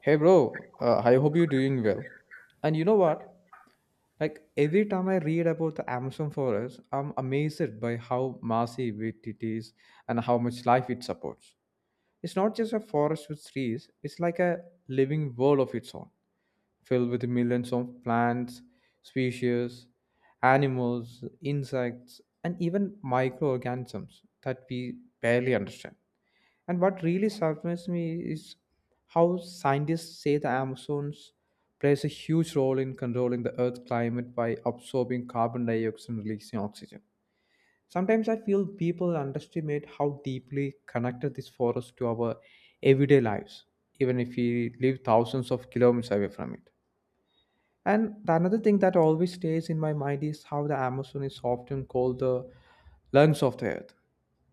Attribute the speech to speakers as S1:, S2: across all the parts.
S1: Hey bro, I hope you're doing well. And you know what? Like every time I read about the Amazon forest, I'm amazed by how massive it is and how much life it supports. It's not just a forest with trees, it's like a living world of its own, filled with millions of plants, species, animals, insects, and even microorganisms that we barely understand. And what really surprised me is how scientists say the Amazons plays a huge role in controlling the Earth's climate by absorbing carbon dioxide and releasing oxygen. Sometimes I feel people underestimate how deeply connected this forest to our everyday lives, even if we live thousands of kilometers away from it. And the another thing that always stays in my mind is how the Amazon is often called the lungs of the earth.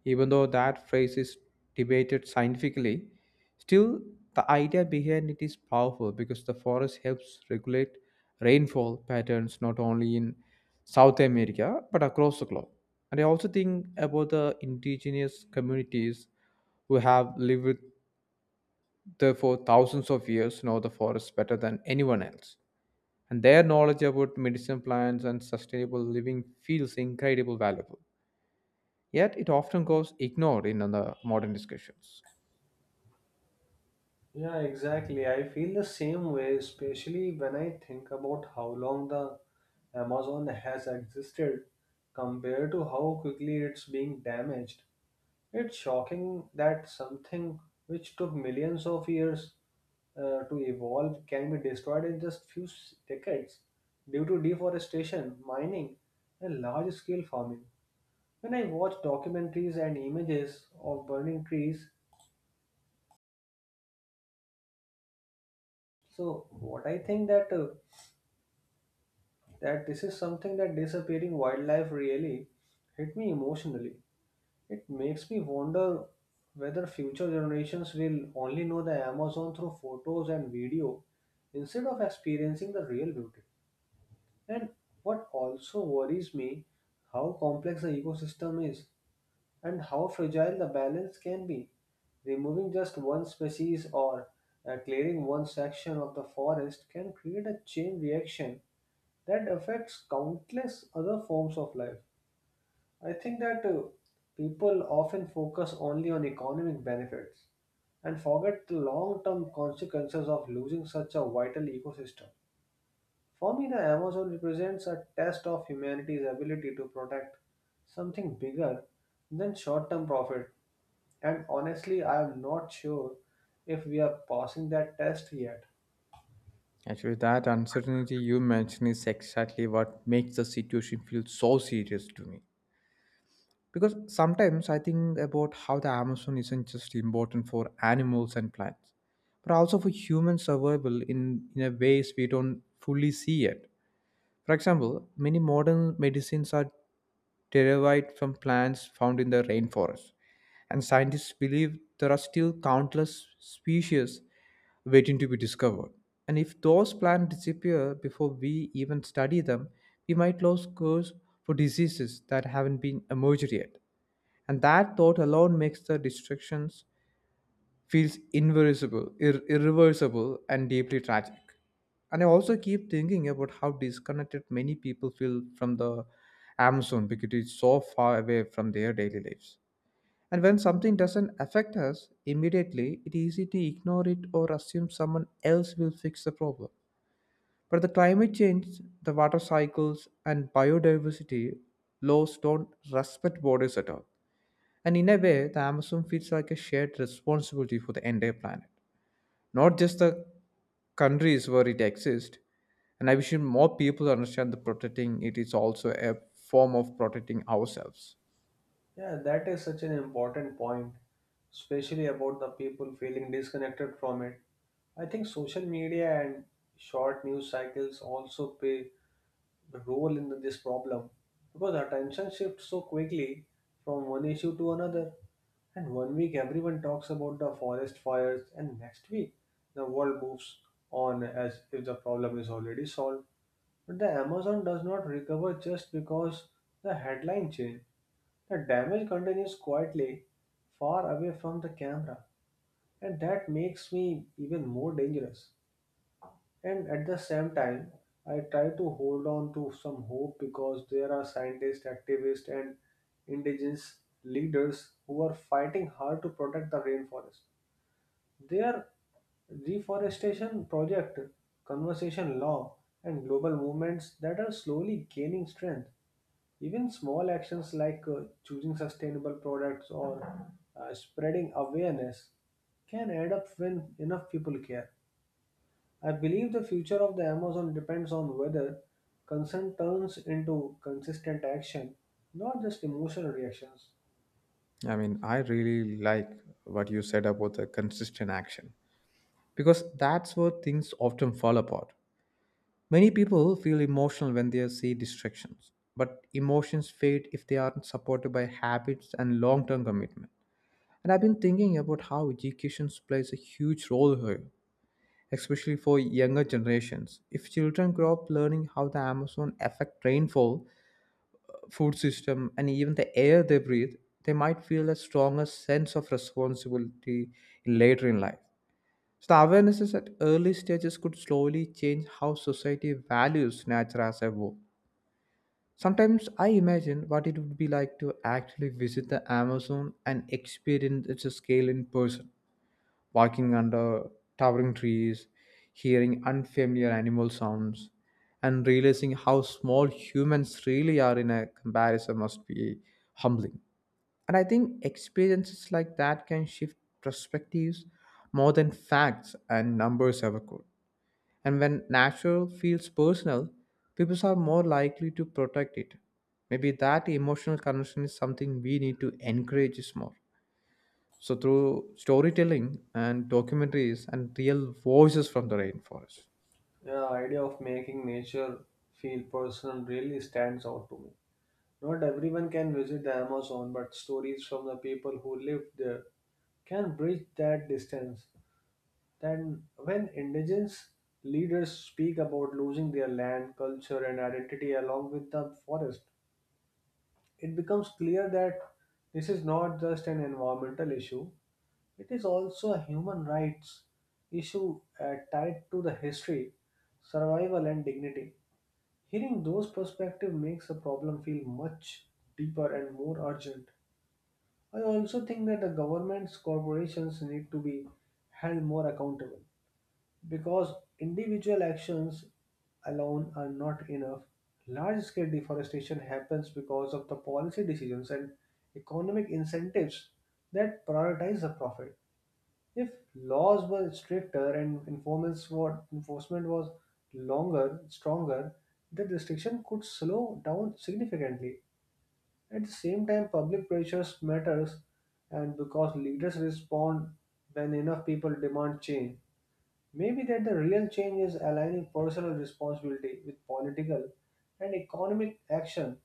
S1: Even though that phrase is debated scientifically, still the idea behind it is powerful because the forest helps regulate rainfall patterns not only in South America but across the globe. And I also think about the indigenous communities who have lived there for thousands of years know the forest better than anyone else and their knowledge about medicine plants and sustainable living feels incredibly valuable. Yet it often goes ignored in the modern discussions.
S2: Yeah, exactly. I feel the same way, especially when I think about how long the Amazon has existed compared to how quickly it's being damaged. It's shocking that something which took millions of years to evolve can be destroyed in just decades due to deforestation, mining, and large-scale farming. When I watch documentaries and images of burning trees, so what I think that this is something that disappearing wildlife really hit me emotionally. It makes me wonder whether future generations will only know the Amazon through photos and video instead of experiencing the real beauty. And what also worries me how complex the ecosystem is and how fragile the balance can be. Removing just one species or clearing one section of the forest can create a chain reaction that affects countless other forms of life. I think that people often focus only on economic benefits and forget the long term consequences of losing such a vital ecosystem. For me, the Amazon represents a test of humanity's ability to protect something bigger than short term profit. And honestly, I'm not sure if we are passing that test yet.
S1: Actually, that uncertainty you mentioned is exactly what makes the situation feel so serious to me. Because sometimes I think about how the Amazon isn't just important for animals and plants, but also for human survival in a ways we don't fully see yet. For example, many modern medicines are derived from plants found in the rainforest, and scientists believe there are still countless species waiting to be discovered. And if those plants disappear before we even study them, we might lose cures for diseases that haven't been emerged yet. And that thought alone makes the destructions feels irreversible and deeply tragic. And I also keep thinking about how disconnected many people feel from the Amazon because it's so far away from their daily lives. And when something doesn't affect us immediately, it's easy to ignore it or assume someone else will fix the problem. But the climate change, the water cycles, and biodiversity laws don't respect borders at all. And in a way, the Amazon feels like a shared responsibility for the entire planet, not just the countries where it exists. And I wish more people understand that protecting it is also a form of protecting ourselves.
S2: Yeah, that is such an important point, especially about the people feeling disconnected from it. I think social media and short news cycles also play a role in this problem because attention shifts so quickly from one issue to another. And one week everyone talks about the forest fires, and next week the world moves on as if the problem is already solved. But the Amazon does not recover just because the headline changed. The damage continues quietly, far away from the camera, and that makes me even more dangerous. And at the same time, I try to hold on to some hope because there are scientists, activists, and indigenous leaders who are fighting hard to protect the rainforest. Their reforestation project, conservation law, and global movements that are slowly gaining strength. Even small actions like choosing sustainable products or spreading awareness can add up when enough people care. I believe the future of the Amazon depends on whether concern turns into consistent action, not just emotional reactions.
S1: I mean, I really like what you said about the consistent action because that's where things often fall apart. Many people feel emotional when they see distractions, but emotions fade if they aren't supported by habits and long term commitment. And I've been thinking about how education plays a huge role here, especially for younger generations. If children grow up learning how the Amazon affect rainfall, food system, and even the air they breathe, they might feel a stronger sense of responsibility later in life. So the awareness is at early stages could slowly change how society values nature as a whole. Sometimes I imagine what it would be like to actually visit the Amazon and experience its scale in person, walking under towering trees, hearing unfamiliar animal sounds, and realizing how small humans really are in a comparison must be humbling. And I think experiences like that can shift perspectives more than facts and numbers ever could. And when natural feels personal, people are more likely to protect it. Maybe that emotional connection is something we need to encourage more. So, through storytelling and documentaries and real voices from the rainforest.
S2: The idea of making nature feel personal really stands out to me. Not everyone can visit the Amazon, but stories from the people who lived there can bridge that distance. Then, when indigenous leaders speak about losing their land, culture, and identity along with the forest, it becomes clear that this is not just an environmental issue, it is also a human rights issue tied to the history, survival, and dignity. Hearing those perspectives makes the problem feel much deeper and more urgent. I also think that the governments, corporations need to be held more accountable because individual actions alone are not enough. Large scale deforestation happens because of the policy decisions and economic incentives that prioritize the profit. If laws were stricter and enforcement was longer, stronger, the restriction could slow down significantly. At the same time, public pressures matters, and because leaders respond when enough people demand change, maybe that the real change is aligning personal responsibility with political and economic action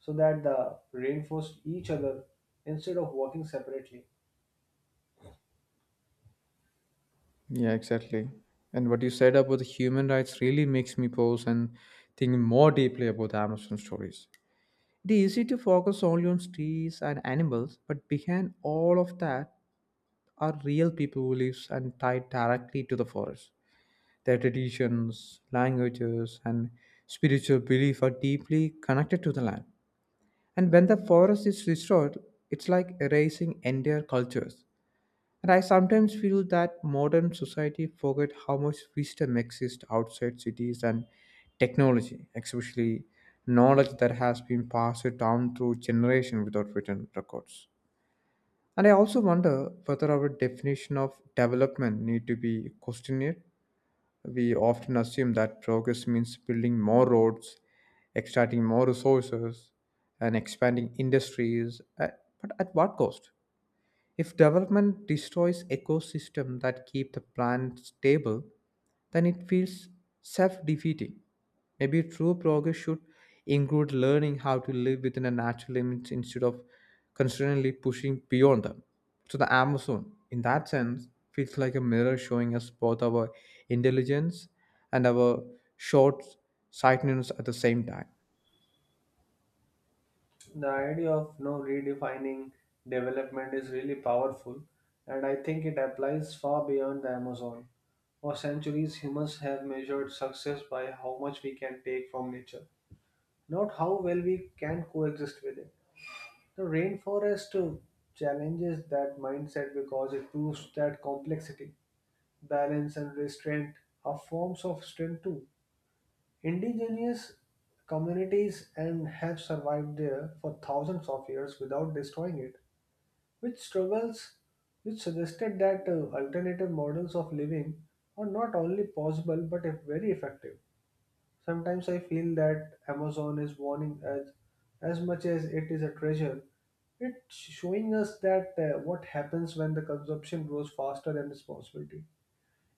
S2: so that they reinforce each other instead of working separately.
S1: Yeah, exactly. And what you said about the human rights really makes me pause and think more deeply about the Amazon stories. It is easy to focus only on trees and animals, but behind all of that are real people who live and tie directly to the forest. Their traditions, languages, and spiritual belief are deeply connected to the land. And when the forest is restored, it's like erasing entire cultures. And I sometimes feel that modern society forget how much wisdom exists outside cities and technology, especially knowledge that has been passed down through generation without written records. And I also wonder whether our definition of development need to be questioned. We often assume that progress means building more roads, extracting more resources, and expanding industries. But at what cost? If development destroys ecosystem that keep the plant stable, then it feels self-defeating. Maybe true progress should include learning how to live within a natural limits instead of constantly pushing beyond them. So the Amazon, in that sense, feels like a mirror showing us both our intelligence and our short sightedness at the same time.
S2: The idea of no redefining development is really powerful, and I think it applies far beyond the Amazon. For centuries humans have measured success by how much we can take from nature, not how well we can coexist with it. The rainforest challenges that mindset because it proves that complexity, balance and restraint are forms of strength too. Indigenous communities and have survived there for thousands of years without destroying it, which struggles which suggested that alternative models of living are not only possible but very effective. Sometimes I feel that Amazon is warning us as much as it is a treasure. It's showing us that what happens when the consumption grows faster than responsibility.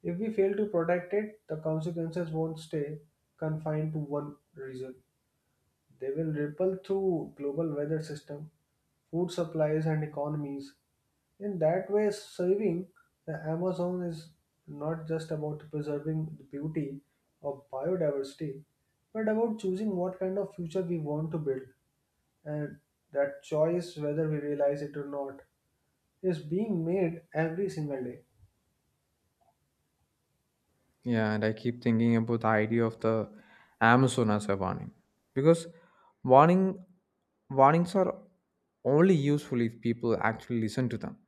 S2: If we fail to protect it, the consequences won't stay confined to one region. They will ripple through global weather system, food supplies and economies. In that way, saving the Amazon is not just about preserving the beauty of biodiversity, but about choosing what kind of future we want to build. And that choice, whether we realize it or not, is being made every single day.
S1: Yeah, and I keep thinking about the idea of the Amazon as a warning. Because warning warnings are only useful if people actually listen to them.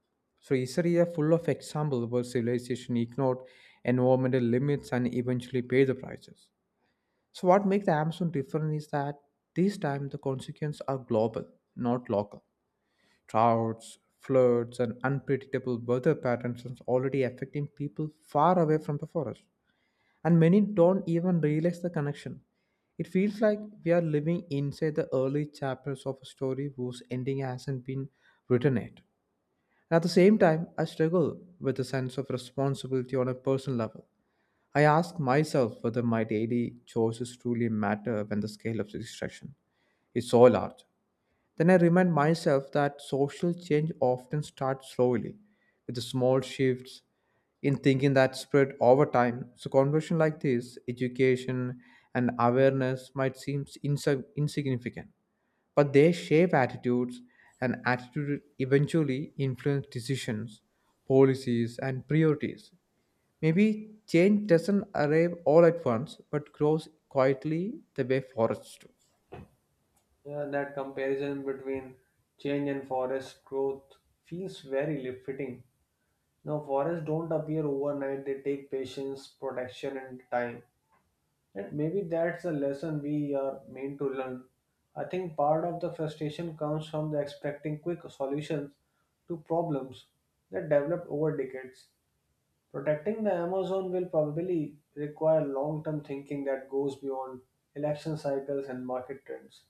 S1: So history is full of examples where civilization ignored environmental limits and eventually paid the prices. So what makes the Amazon different is that this time the consequences are global, not local. Droughts, floods, and unpredictable weather patterns are already affecting people far away from the forest and many don't even realize the connection. It feels like we are living inside the early chapters of a story whose ending hasn't been written yet. At the same time, I struggle with a sense of responsibility on a personal level. I ask myself whether my daily choices truly matter when the scale of the distraction is so large. Then I remind myself that social change often starts slowly, with the small shifts in thinking that spread over time. So, conversion like this, education and awareness might seem insignificant, but they shape attitudes, and attitude eventually influence decisions, policies, and priorities. Maybe change doesn't arrive all at once, but grows quietly the way forests do.
S2: Yeah, that comparison between change and forest growth feels fitting. Now, forests don't appear overnight, they take patience, protection, and time. And maybe that's a lesson we are meant to learn. I think part of the frustration comes from the expecting quick solutions to problems that developed over decades. Protecting the Amazon will probably require long term thinking that goes beyond election cycles and market trends.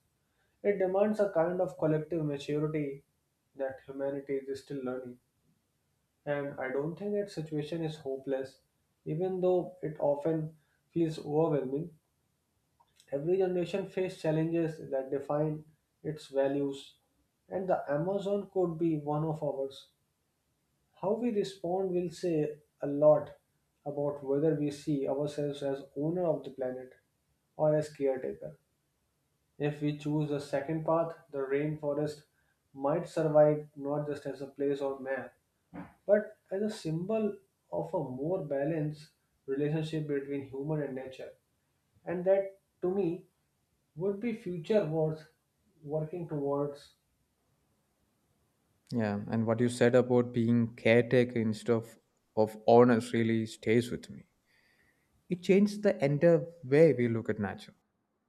S2: It demands a kind of collective maturity that humanity is still learning. And I don't think that situation is hopeless, even though it often feels overwhelming. Every generation faces challenges that define its values, and the Amazon could be one of ours. How we respond will say a lot about whether we see ourselves as owner of the planet or as caretaker. If we choose a second path, the rainforest might survive not just as a place on map, but as a symbol of a more balanced relationship between human and nature. And that, to me, would be future worth working towards.
S1: Yeah, and what you said about being caretaker instead of owners really stays with me. It changed the entire way we look at nature,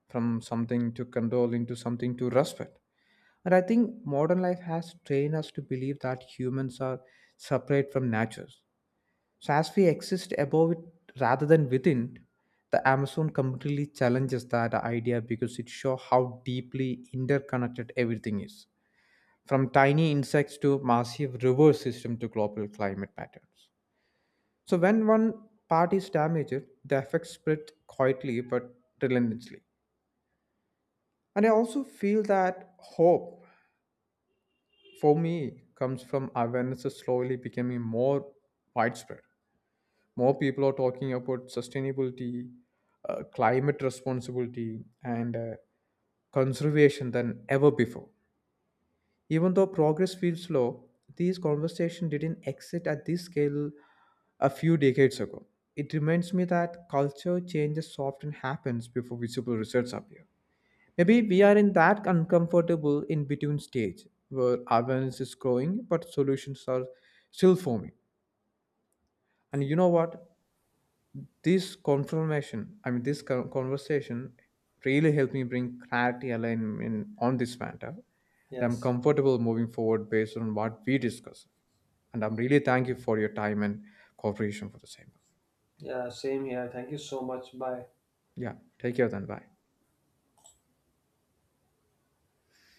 S1: from something to control into something to respect. And I think modern life has trained us to believe that humans are separate from nature. So as we exist above it rather than within, the Amazon completely challenges that idea because it shows how deeply interconnected everything is from tiny insects to massive river system to global climate patterns. So when one part is damaged, the effects spread quietly but relentlessly. And I also feel that hope for me comes from awareness is slowly becoming more widespread. More people are talking about sustainability, climate responsibility, and conservation than ever before. Even though progress feels slow, these conversations didn't exist at this scale a few decades ago. It reminds me that culture changes often happens before visible results appear. Maybe we are in that uncomfortable in between stage where awareness is growing but solutions are still forming. And you know what? This confirmation I mean this con- conversation really helped me bring clarity alignment on this matter, and I'm
S2: Yes.
S1: comfortable moving forward based on what we discussed, and I'm really thank you for your time and cooperation for the same.
S2: Yeah, same here. Thank you so much. Bye.
S1: Yeah, take care then. Bye.